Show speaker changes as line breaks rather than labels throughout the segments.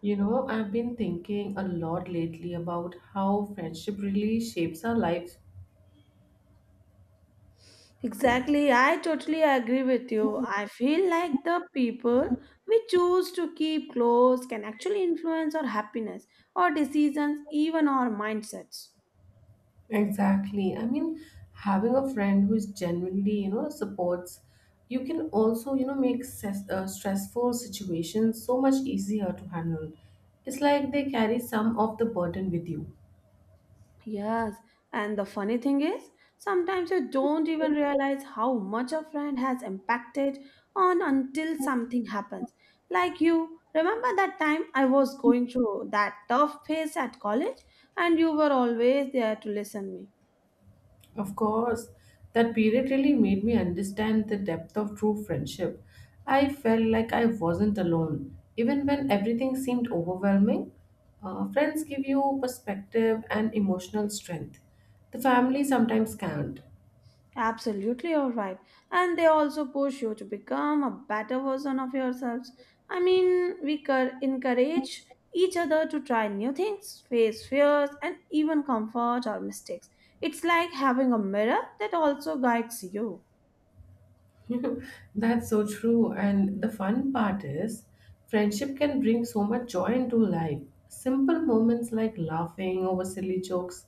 You know, I've been thinking a lot lately about how friendship really shapes our lives.
Exactly, I totally agree with you. I feel like the people we choose to keep close can actually influence our happiness, our decisions, even our mindsets.
Exactly. I mean, having a friend who is genuinely, you know, supports, you can also, make stressful situations so much easier to handle. It's like they carry some of the burden with you.
Yes, and the funny thing is, sometimes you don't even realize how much a friend has impacted on until something happens. Like you, remember that time I was going through that tough phase at college and you were always there to listen me.
Of course, that period really made me understand the depth of true friendship. I felt like I wasn't alone, even when everything seemed overwhelming. Friends give you perspective and emotional strength. The family sometimes can't.
Absolutely, all right, and they also push you to become a better version of yourselves. I mean, encourage each other to try new things, face fears, and even comfort our mistakes. It's like having a mirror that also guides you.
That's so true. And the fun part is, friendship can bring so much joy into life. Simple moments like laughing over silly jokes,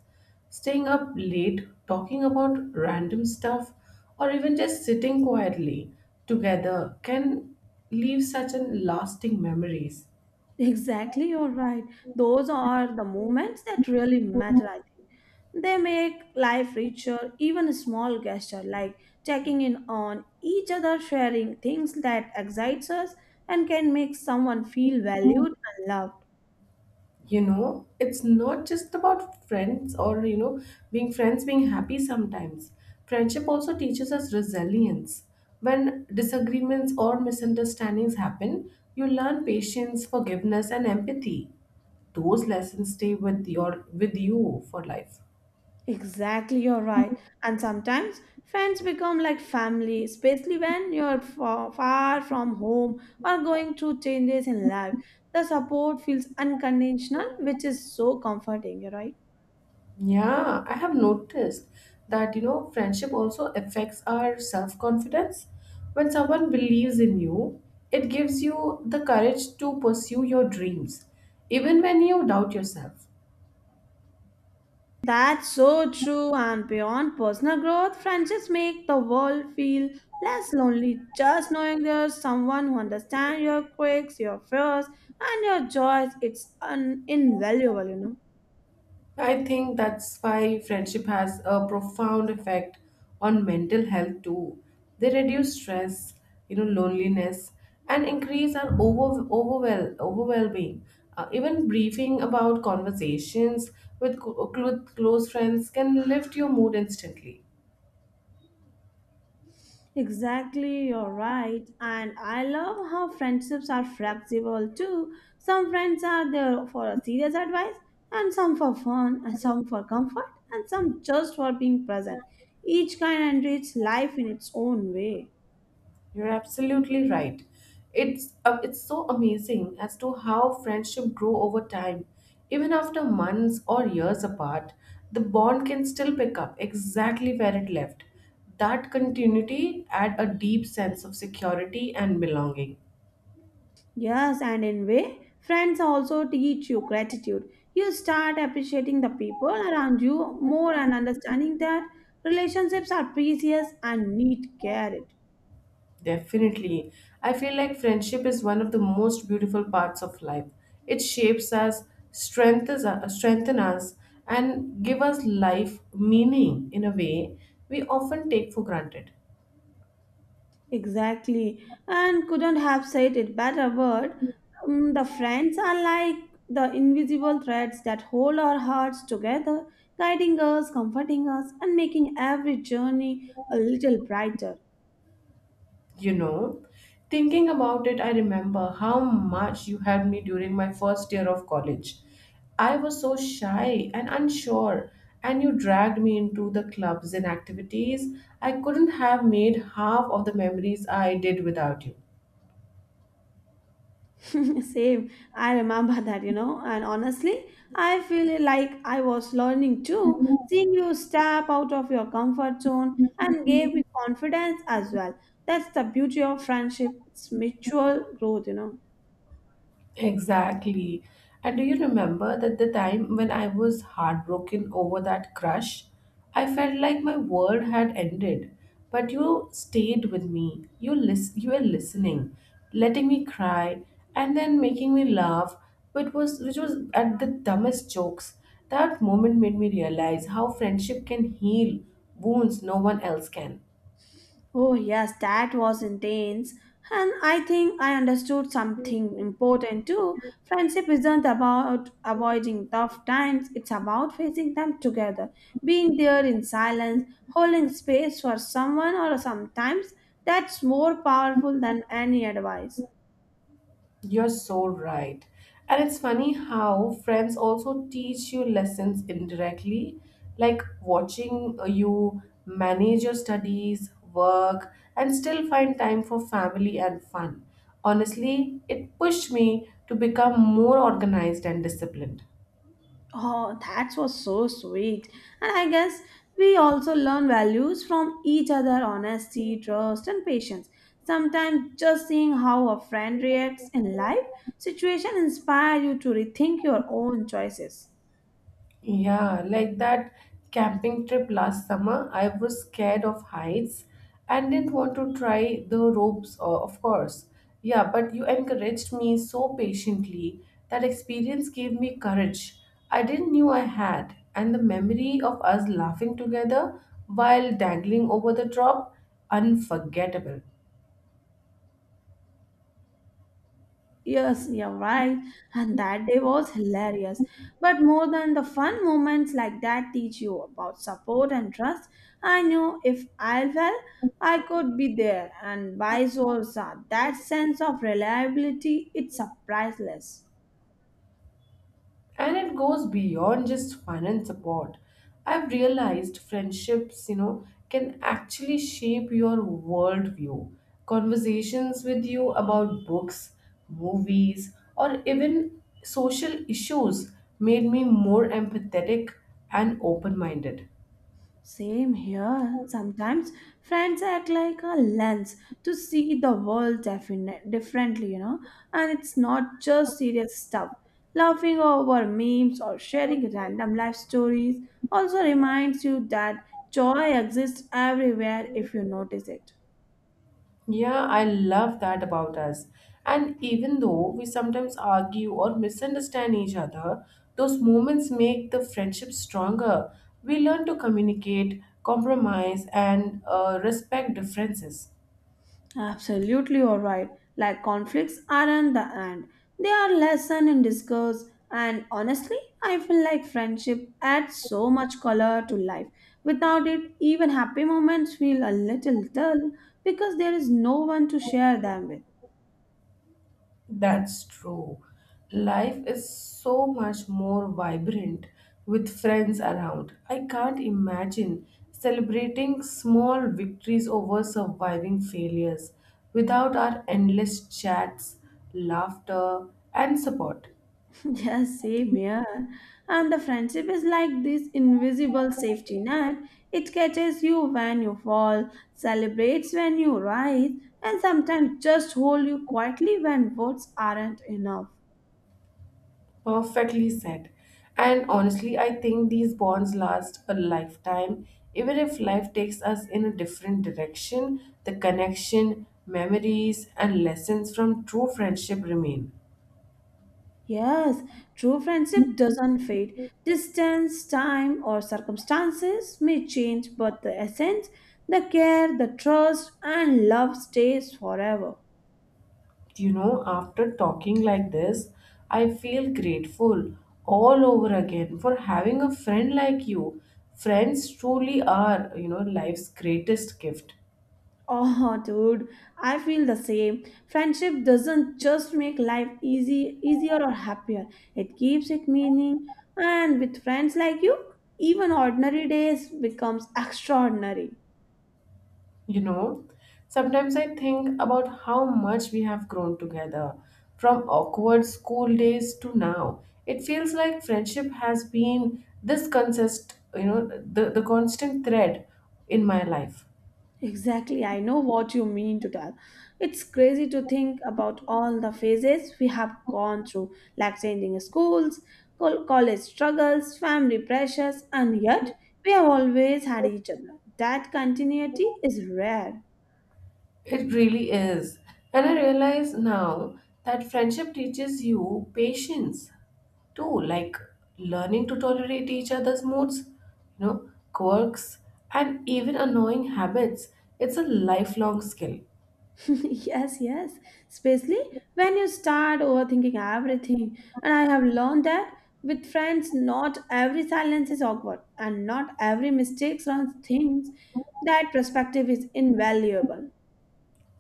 staying up late, talking about random stuff, or even just sitting quietly together can leave such an lasting memories.
Exactly, you're right. Those are the moments that really matter, I think. They make life richer, even a small gesture like checking in on each other, sharing things that excites us and can make someone feel valued and loved.
You know, it's not just about friends or being friends being happy. Sometimes friendship also teaches us resilience. When disagreements or misunderstandings happen, you learn patience, forgiveness, and empathy. Those lessons stay with you for life.
Exactly, you're right. And sometimes friends become like family, especially when you're far from home or going through changes in life. The support feels unconditional, which is so comforting, you're right.
Yeah, I have noticed that, you know, friendship also affects our self-confidence. When someone believes in you, it gives you the courage to pursue your dreams, even when you doubt yourself.
That's so true, and beyond personal growth, friendships make the world feel less lonely. Just knowing there's someone who understands your quirks, your fears, and your joys, it's invaluable,
I think that's why friendship has a profound effect on mental health too. They reduce stress, you know, loneliness, and increase our overwhelming. Even briefing about conversations with close friends can lift your mood instantly.
Exactly, you're right. And I love how friendships are flexible too. Some friends are there for a serious advice, and some for fun, and some for comfort, and some just for being present. Each kind enriches life in its own way.
You're absolutely right. It's so amazing as to how friendship grow over time. Even after months or years apart, the bond can still pick up exactly where it left. That continuity add a deep sense of security and belonging.
Yes, and in way, friends also teach you gratitude. You start appreciating the people around you more and understanding that relationships are precious and need cared.
Definitely. I feel like friendship is one of the most beautiful parts of life. It shapes us, strengthen us, and give us life meaning in a way we often take for granted.
Exactly, and couldn't have said it better word. Mm, the friends are like the invisible threads that hold our hearts together, guiding us, comforting us, and making every journey a little brighter.
You know, thinking about it, I remember how much you helped me during my first year of college. I was so shy and unsure, and you dragged me into the clubs and activities. I couldn't have made half of the memories I did without you.
Same. I remember that, and honestly, I feel like I was learning too. Seeing you step out of your comfort zone and gave me confidence as well. That's the beauty of friendship. It's mutual growth.
Exactly. And do you remember that the time when I was heartbroken over that crush? I felt like my world had ended, but you stayed with me. You were listening, letting me cry, and then making me laugh, which was at the dumbest jokes. That moment made me realize how friendship can heal wounds no one else can.
Oh, yes, that was intense. And I think I understood something important too. Friendship isn't about avoiding tough times, it's about facing them together, being there in silence, holding space for someone or sometimes that's more powerful than any advice.
You're so right. And it's funny how friends also teach you lessons indirectly, like watching you manage your studies, work, and still find time for family and fun. Honestly, it pushed me to become more organized and disciplined.
Oh, that was so sweet. And I guess we also learn values from each other honesty, trust, and patience. Sometimes just seeing how a friend reacts in life situation inspire you to rethink your own choices.
Yeah, like that camping trip last summer, I was scared of heights and didn't want to try the ropes, of course. Yeah, but you encouraged me so patiently. That experience gave me courage I didn't knew I had, and the memory of us laughing together while dangling over the drop, unforgettable.
Yes, you're right. And that day was hilarious. But more than the fun moments like that teach you about support and trust, I knew if I fell, I could be there, and vice versa. That sense of reliability, it's priceless.
And it goes beyond just fun support. I've realized friendships, you know, can actually shape your worldview. Conversations with you about books, movies, or even social issues made me more empathetic and open-minded.
Same here. Sometimes friends act like a lens to see the world differently, and it's not just serious stuff. Laughing over memes or sharing random life stories also reminds you that joy exists everywhere if you notice it.
Yeah, I love that about us. And even though we sometimes argue or misunderstand each other, those moments make the friendship stronger. We learn to communicate, compromise, and respect differences.
Absolutely, all right. Like conflicts aren't the end; they are lesson in discourse. And honestly, I feel like friendship adds so much color to life. Without it, even happy moments feel a little dull because there is no one to share them with.
That's true. Life is so much more vibrant with friends around. I can't imagine celebrating small victories over surviving failures without our endless chats, laughter, and support.
Yeah, same here. And the friendship is like this invisible safety net. It catches you when you fall, celebrates when you rise, and sometimes just holds you quietly when words aren't enough.
Perfectly said. And honestly, I think these bonds last a lifetime. Even if life takes us in a different direction, the connection, memories, and lessons from true friendship remain.
Yes, true friendship doesn't fade. Distance, time, or circumstances may change, but the essence, the care, the trust, and love stays forever.
You know, after talking like this, I feel grateful all over again for having a friend like you. Friends truly are, you know, life's greatest gift.
Oh, dude, I feel the same. Friendship doesn't just make life easier or happier. It keeps it meaning. And with friends like you, even ordinary days becomes extraordinary.
You know, sometimes I think about how much we have grown together from awkward school days to now. It feels like friendship has been this consist, you know, the constant thread in my life.
Exactly, I know what you mean to tell. It's crazy to think about all the phases we have gone through, like changing schools, college struggles, family pressures, and yet we have always had each other. That continuity is rare.
It really is. And I realize now that friendship teaches you patience too, like learning to tolerate each other's moods, you know, quirks, and even annoying habits. It's a lifelong skill.
Yes, yes. Especially when you start overthinking everything. And I have learned that with friends, not every silence is awkward and not every mistake runs things. That perspective is invaluable.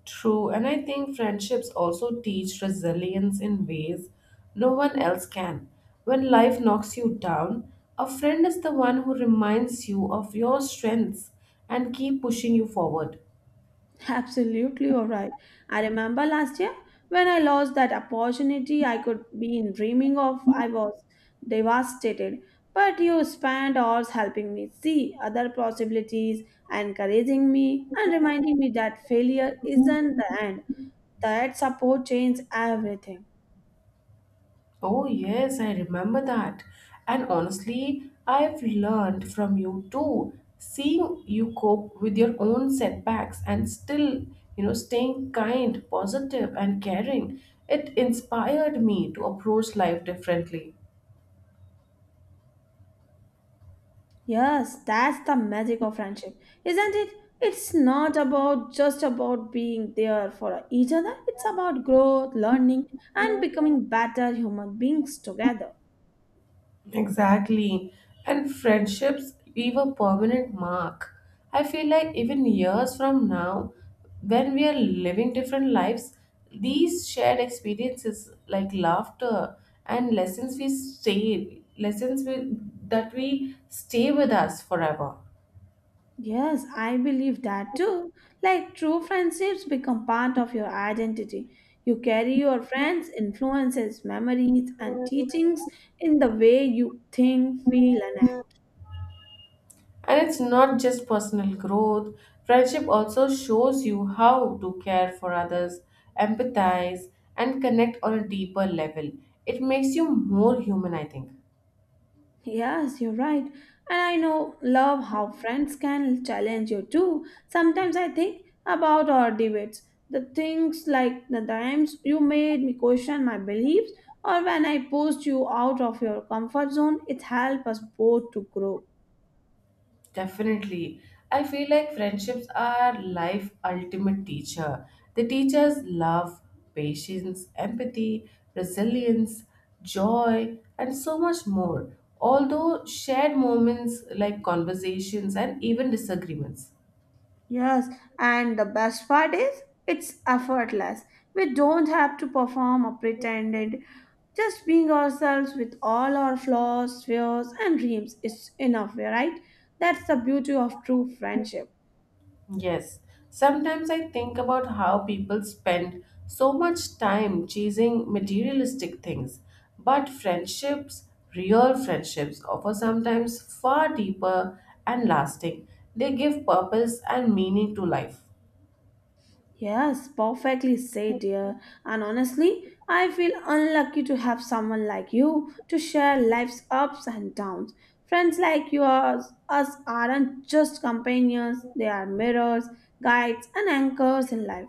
True, and I think friendships also teach resilience in ways no one else can. When life knocks you down, a friend is the one who reminds you of your strengths and keep pushing you forward.
Absolutely, all right. I remember last year when I lost that opportunity I could be in dreaming of. I was devastated, but you spent hours helping me see other possibilities, encouraging me, and reminding me that failure isn't the end. That support changed everything.
Oh yes, I remember that. And honestly, I've learned from you too. Seeing you cope with your own setbacks and still, you know, staying kind, positive, and caring, it inspired me to approach life differently.
Yes, that's the magic of friendship, isn't it? It's not about just about being there for each other. It's about growth, learning, and becoming better human beings together.
Exactly. And friendships leave a permanent mark. I feel like even years from now, when we are living different lives, these shared experiences like laughter and lessons we stay lessons we, that we stay with us forever.
Yes, I believe that too. Like true friendships become part of your identity. You carry your friends' influences, memories, and teachings in the way you think, feel, and act.
And it's not just personal growth, friendship also shows you how to care for others, empathize, and connect on a deeper level. It makes you more human, I think.
Yes, you're right. And I know love how friends can challenge you too. Sometimes I think about our debates, the things like the times you made me question my beliefs, or when I pushed you out of your comfort zone, it helped us both to grow.
Definitely. I feel like friendships are life ultimate teacher. They teach us love, patience, empathy, resilience, joy, and so much more. Although shared moments like conversations and even disagreements.
Yes, and the best part is it's effortless. We don't have to perform or pretend it. Just being ourselves with all our flaws, fears, and dreams is enough, right? That's the beauty of true friendship.
Yes, sometimes I think about how people spend so much time chasing materialistic things, but friendships, real friendships, offer sometimes far deeper and lasting. They give purpose and meaning to life.
Yes, perfectly said, dear. And honestly, I feel unlucky to have someone like you to share life's ups and downs. Friends like yours, us aren't just companions, they are mirrors, guides, and anchors in life.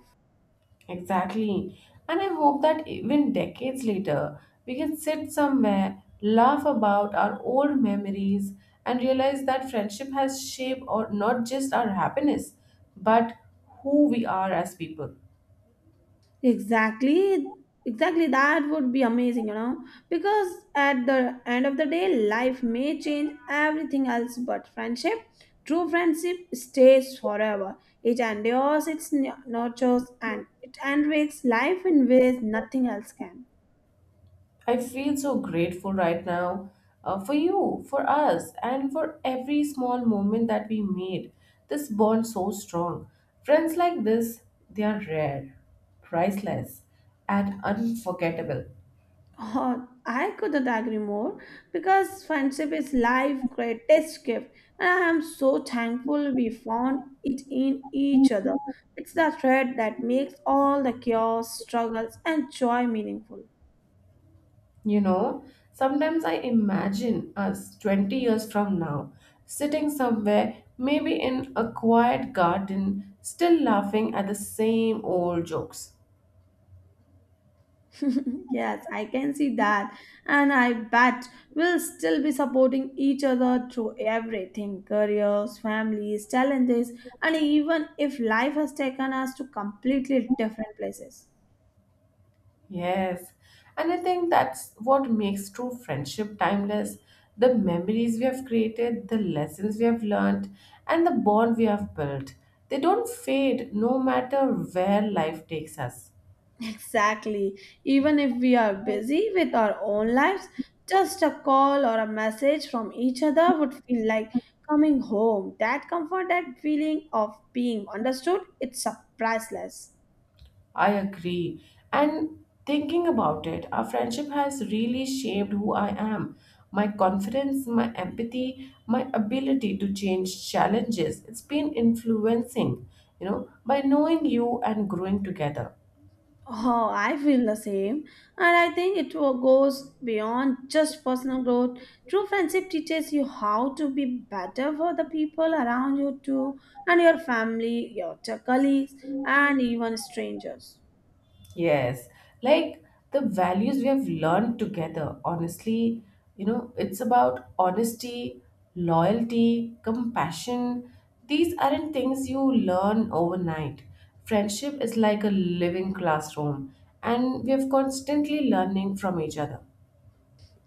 Exactly. And I hope that even decades later, we can sit somewhere, laugh about our old memories, and realize that friendship has shaped or not just our happiness, but who we are as people.
Exactly, exactly. That would be amazing, because at the end of the day, life may change everything else, but friendship, true friendship, stays forever. It endures, nurtures, and it enriches life in ways nothing else can.
I feel so grateful right now, for you, for us, and for every small moment that we made this bond so strong. Friends like this, they are rare, priceless, and unforgettable.
Oh, I couldn't agree more because friendship is life' greatest gift, and I am so thankful we found it in each other. It's the thread that makes all the chaos, struggles, and joy meaningful.
You know, sometimes I imagine us 20 years from now sitting somewhere, maybe in a quiet garden, still laughing at the same old jokes.
Yes, I can see that, and I bet we'll still be supporting each other through everything careers, families, challenges, and even if life has taken us to completely different places.
Yes, and I think that's what makes true friendship timeless, the memories we have created, the lessons we have learned, and the bond we have built. They don't fade no matter where life takes us.
Exactly. Even if we are busy with our own lives, just a call or a message from each other would feel like coming home. That comfort, that feeling of being understood, it's a priceless.
I agree. And thinking about it, our friendship has really shaped who I am. My confidence, my empathy, my ability to change challenges. It's been influencing, you know, by knowing you and growing together.
Oh, I feel the same. And I think goes beyond just personal growth. True friendship teaches you how to be better for the people around you, too, and your family, your colleagues, and even strangers.
Yes, like the values we have learned together, honestly, you know, it's about honesty, loyalty, compassion. These aren't things you learn overnight. Friendship is like a living classroom, and we are constantly learning from each other.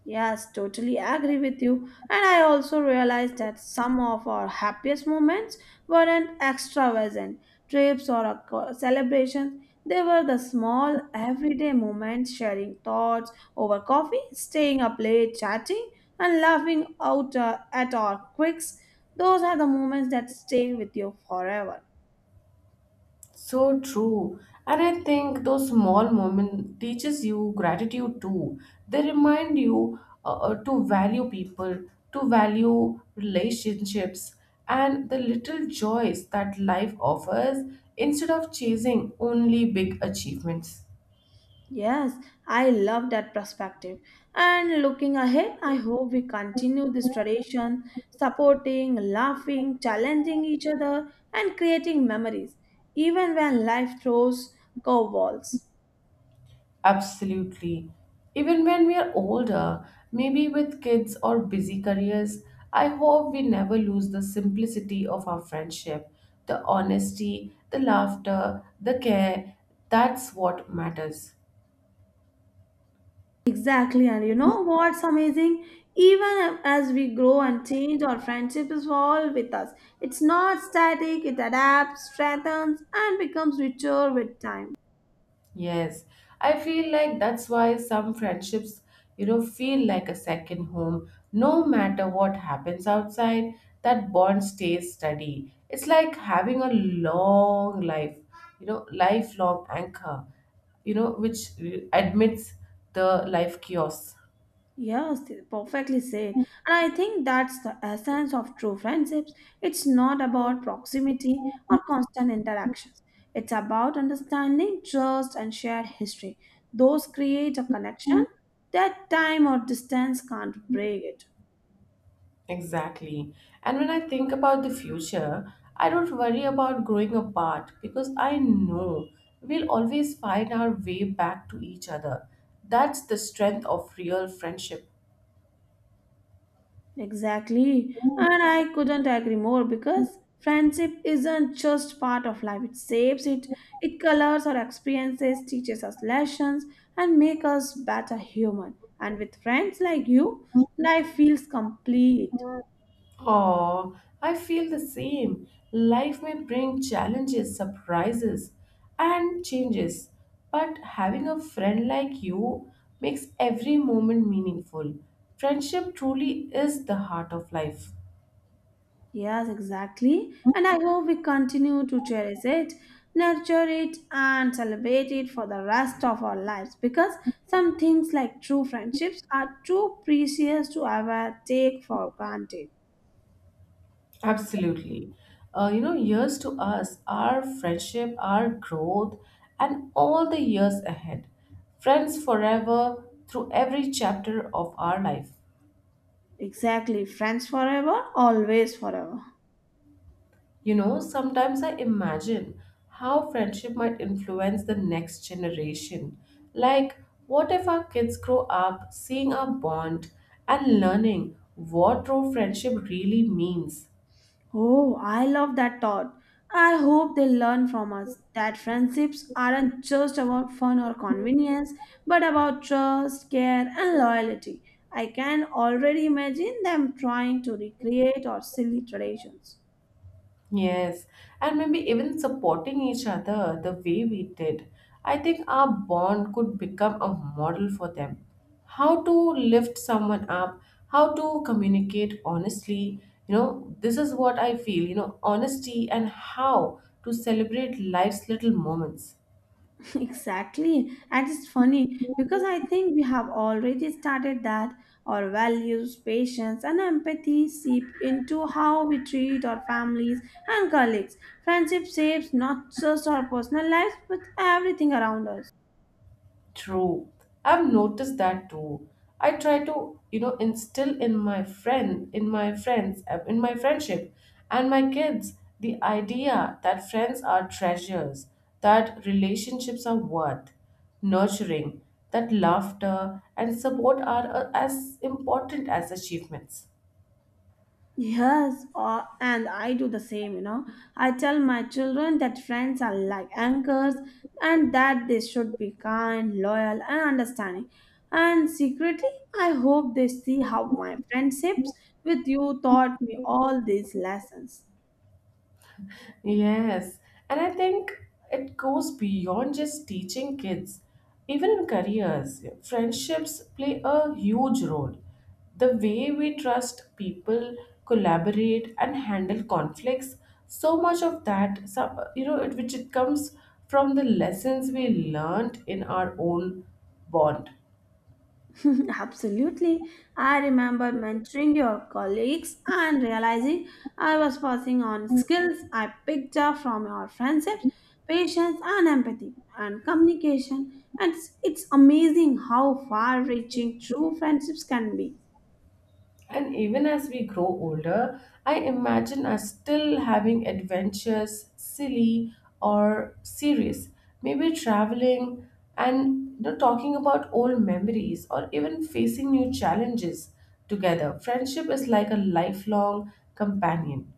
Yes, totally agree with you. And I also realized that some of our happiest moments weren't extravagant trips or a celebrations. They were the small, everyday moments, sharing thoughts over coffee, staying up late, chatting, and laughing out at our quirks. Those are the moments that stay with you forever.
So true. And I think those small moments teaches you gratitude too. They remind you to value people, to value relationships and the little joys that life offers instead of chasing only big achievements.
Yes, I love that perspective. And looking ahead, I hope we continue this tradition, supporting, laughing, challenging each other, and creating memories, even when life throws curveballs.
Absolutely. Even when we are older, maybe with kids or busy careers, I hope we never lose the simplicity of our friendship, the honesty, the laughter, the care. That's what matters.
Exactly, and you know what's amazing? Even as we grow and change, our friendship is all with us. It's not static, it adapts, strengthens, and becomes richer with time.
Yes, I feel like that's why some friendships, you know, feel like a second home. No matter what happens outside, that bond stays steady. It's like having a long life, you know, lifelong anchor, you know, which admits the life chaos.
Yes, perfectly said. And I think that's the essence of true friendships. It's not about proximity or constant interactions. It's about understanding, trust, and shared history. Those create a connection that time or distance can't break it.
Exactly. And when I think about the future, I don't worry about growing apart because I know we'll always find our way back to each other. That's the strength of real friendship.
Exactly. And I couldn't agree more because friendship isn't just part of life. It shapes it, it colors our experiences, teaches us lessons, and makes us better human. And with friends like you, life feels complete.
Oh, I feel the same. Life may bring challenges, surprises, and changes, but having a friend like you makes every moment meaningful. Friendship truly is the heart of life.
Yes, exactly. And I hope we continue to cherish it, nurture it, and celebrate it for the rest of our lives because some things like true friendships are too precious to ever take for granted.
Absolutely. You know, years to us, our friendship, our growth, and all the years ahead. Friends forever through every chapter of our life.
Exactly. Friends forever, always forever.
You know, sometimes I imagine how friendship might influence the next generation. Like, what if our kids grow up seeing our bond and learning what true friendship really means?
Oh, I love that thought. I hope they learn from us that friendships aren't just about fun or convenience, but about trust, care, and loyalty. I can already imagine them trying to recreate our silly traditions.
Yes, and maybe even supporting each other the way we did. I think our bond could become a model for them. How to lift someone up, how to communicate honestly. You know, this is what I feel, you know, honesty and how to celebrate life's little moments.
Exactly. And it's funny because I think we have already started that our values, patience, and empathy seep into how we treat our families and colleagues. Friendship shapes not just our personal lives but everything around us.
True. I've noticed that too. I try to, you know, instill in in my friends, in my friendship and my kids the idea that friends are treasures, that relationships are worth nurturing, that laughter and support are as important as achievements.
Yes, and I do the same, I tell my children that friends are like anchors and that they should be kind, loyal, and understanding. And secretly, I hope they see how my friendships with you taught me all these lessons.
Yes, and I think it goes beyond just teaching kids. Even in careers, friendships play a huge role. The way we trust people, collaborate, and handle conflicts, so much of that, some, you know, it, which it comes from the lessons we learned in our own bond.
Absolutely. I remember mentoring your colleagues and realizing I was passing on skills I picked up from your friendships, patience, and empathy, and communication. And it's amazing how far reaching true friendships can be.
And even as we grow older, I imagine us still having adventures, silly or serious, maybe traveling and, you know, talking about old memories or even facing new challenges together. Friendship is like a lifelong companion.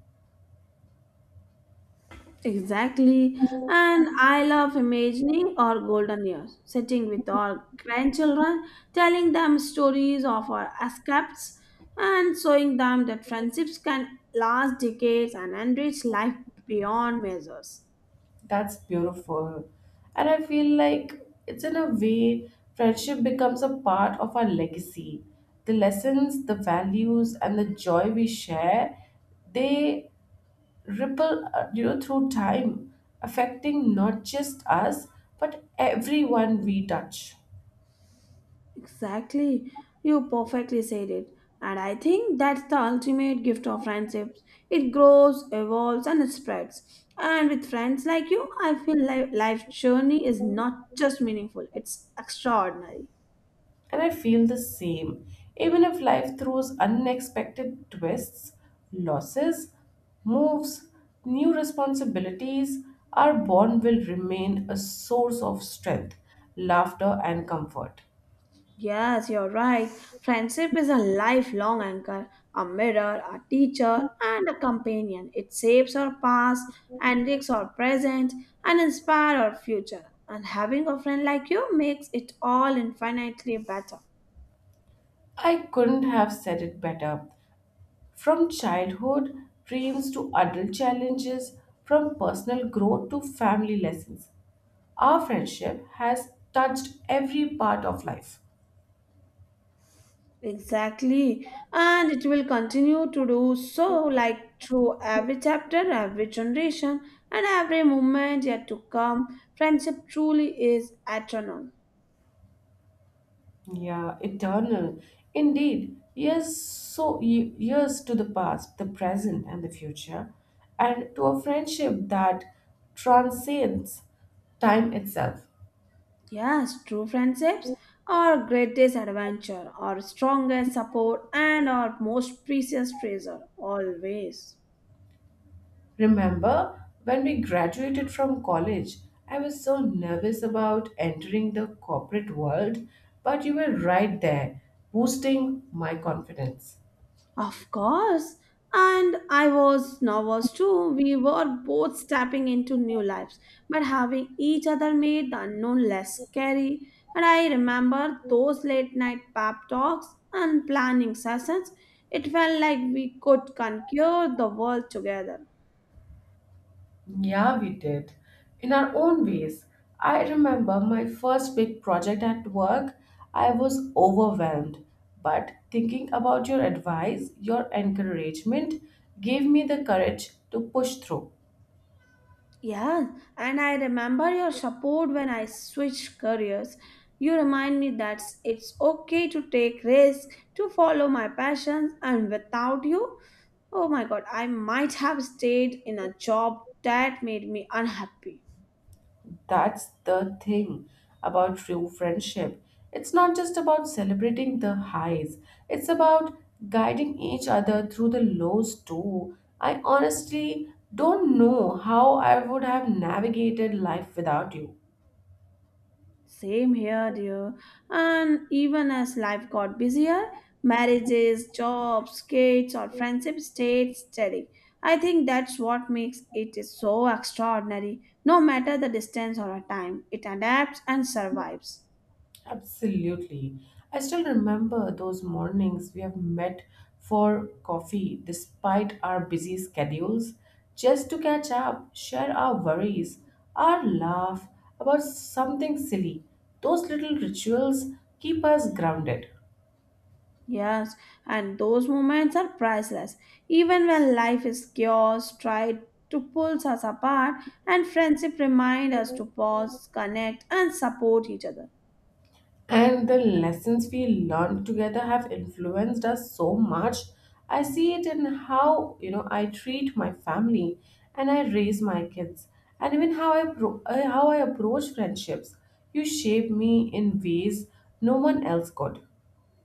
Exactly. And I love imagining our golden years, sitting with our grandchildren, telling them stories of our escapes, and showing them that friendships can last decades and enrich life beyond measures.
That's beautiful. And I feel like it's in a way, friendship becomes a part of our legacy. The lessons, the values, and the joy we share, they ripple, you know, through time, affecting not just us but everyone we touch.
Exactly. You perfectly said it. And I think that's the ultimate gift of friendships. It grows, evolves, and it spreads. And with friends like you, I feel life journey is not just meaningful, it's extraordinary.
And I feel the same. Even if life throws unexpected twists, losses, moves, new responsibilities, our bond will remain a source of strength, laughter, and comfort.
Yes, you're right. Friendship is a lifelong anchor, a mirror, a teacher, and a companion. It shapes our past, enriches our present, and inspires our future. And having a friend like you makes it all infinitely better.
I couldn't have said it better. From childhood dreams to adult challenges, from personal growth to family lessons, our friendship has touched every part of life.
Exactly. And it will continue to do so, like through every chapter, every generation, and every moment yet to come. Friendship truly is eternal.
Yeah, eternal. Indeed, years to the past, the present, and the future, and to a friendship that transcends time itself.
Yes, true friendships are greatest adventure, our strongest support, and our most precious treasure, always.
Remember when we graduated from college, I was so nervous about entering the corporate world, but you were right there, boosting my confidence.
Of course, and I was nervous too. We were both stepping into new lives, but having each other made the unknown less scary. And I remember those late night pep talks and planning sessions. It felt like we could conquer the world together.
Yeah, we did. In our own ways. I remember my first big project at work, I was overwhelmed. But thinking about your advice, your encouragement gave me the courage to push through.
Yeah, and I remember your support when I switched careers. You remind me that it's okay to take risks, to follow my passions, and without you, oh my god, I might have stayed in a job that made me unhappy.
That's the thing about true friendship. It's not just about celebrating the highs, it's about guiding each other through the lows too. I honestly don't know how I would have navigated life without you.
Same here, dear. And even as life got busier, marriages, jobs, kids, or friendships stayed steady. I think that's what makes it is so extraordinary. No matter the distance or a time, it adapts and survives.
Absolutely. I still remember those mornings we have met for coffee despite our busy schedules, just to catch up, share our worries, our laugh about something silly. Those little rituals keep us grounded.
Yes, and those moments are priceless. Even when life is chaos, tried to pull us apart, and friendship remind us to pause, connect, and support each other.
And the lessons we learned together have influenced us so much. I see it in how, you know, I treat my family and I raise my kids and even how how I approach friendships. You shape me in ways no one else could.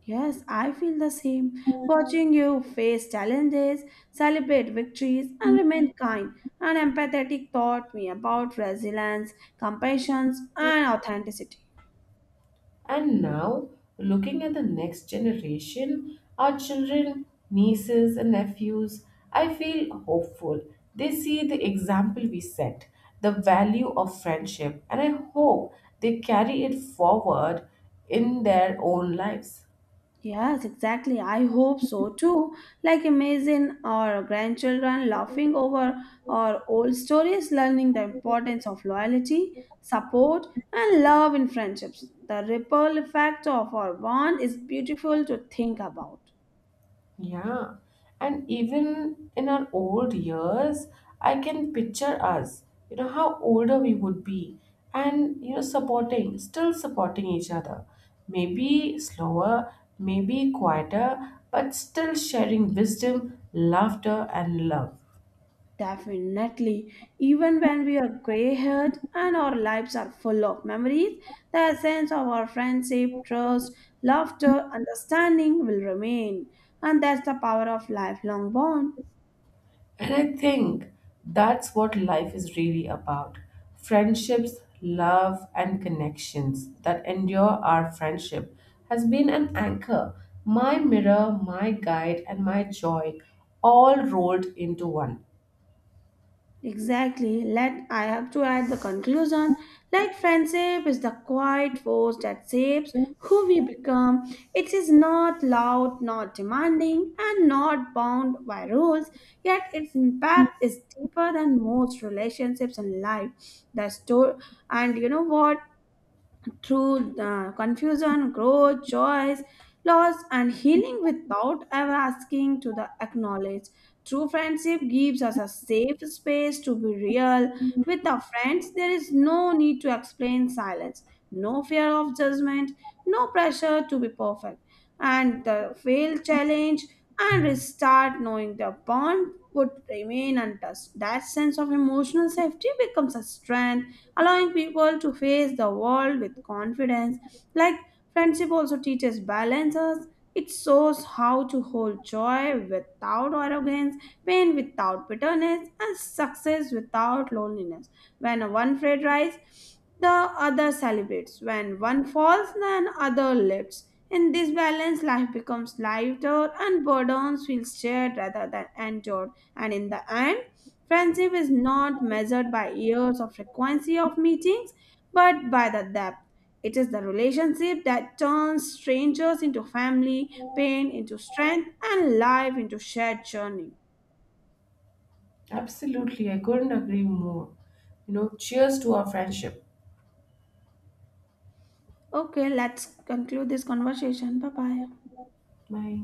Yes, I feel the same. Watching you face challenges, celebrate victories, and remain kind and empathetic taught me about resilience, compassion, and authenticity.
And now, looking at the next generation, our children, nieces, and nephews, I feel hopeful. They see the example we set, the value of friendship, and I hope they carry it forward in their own lives.
Yes, exactly. I hope so too. Like imagine our grandchildren laughing over our old stories, learning the importance of loyalty, support, and love in friendships. The ripple effect of our bond is beautiful to think about.
Yeah. And even in our old years, I can picture us, you know, how older we would be and, you know, still supporting each other. Maybe slower, maybe quieter, but still sharing wisdom, laughter, and love.
Definitely. Even when we are gray haired and our lives are full of memories, the essence of our friendship, trust, laughter, understanding will remain. And that's the power of lifelong bond.
And I think that's what life is really about, friendships, love, and connections that endure. Our friendship has been an anchor, my mirror, my guide, and my joy all rolled into one.
Exactly. Let I have to add the conclusion. Like friendship is the quiet force that shapes who we become. It is not loud, not demanding, and not bound by rules. Yet its impact is deeper than most relationships in life. The store and you know what? Through confusion, growth, joys, loss, and healing without ever asking to the acknowledge. True friendship gives us a safe space to be real. With our friends, there is no need to explain silence, no fear of judgment, no pressure to be perfect and the fail challenge and restart knowing the bond would remain untouched. That sense of emotional safety becomes a strength, allowing people to face the world with confidence. Like friendship also teaches balances. It shows how to hold joy without arrogance, pain without bitterness, and success without loneliness. When one friend rises, the other celebrates. When one falls, then other lifts in this balance, life becomes lighter and burdens feel shared rather than endured. And in the end, friendship is not measured by years of frequency of meetings, but by the depth. It is the relationship that turns strangers into family, pain into strength, and life into shared journey.
Absolutely, I couldn't agree more. You know, cheers to our friendship.
Okay, let's conclude this conversation. Bye bye.
Bye.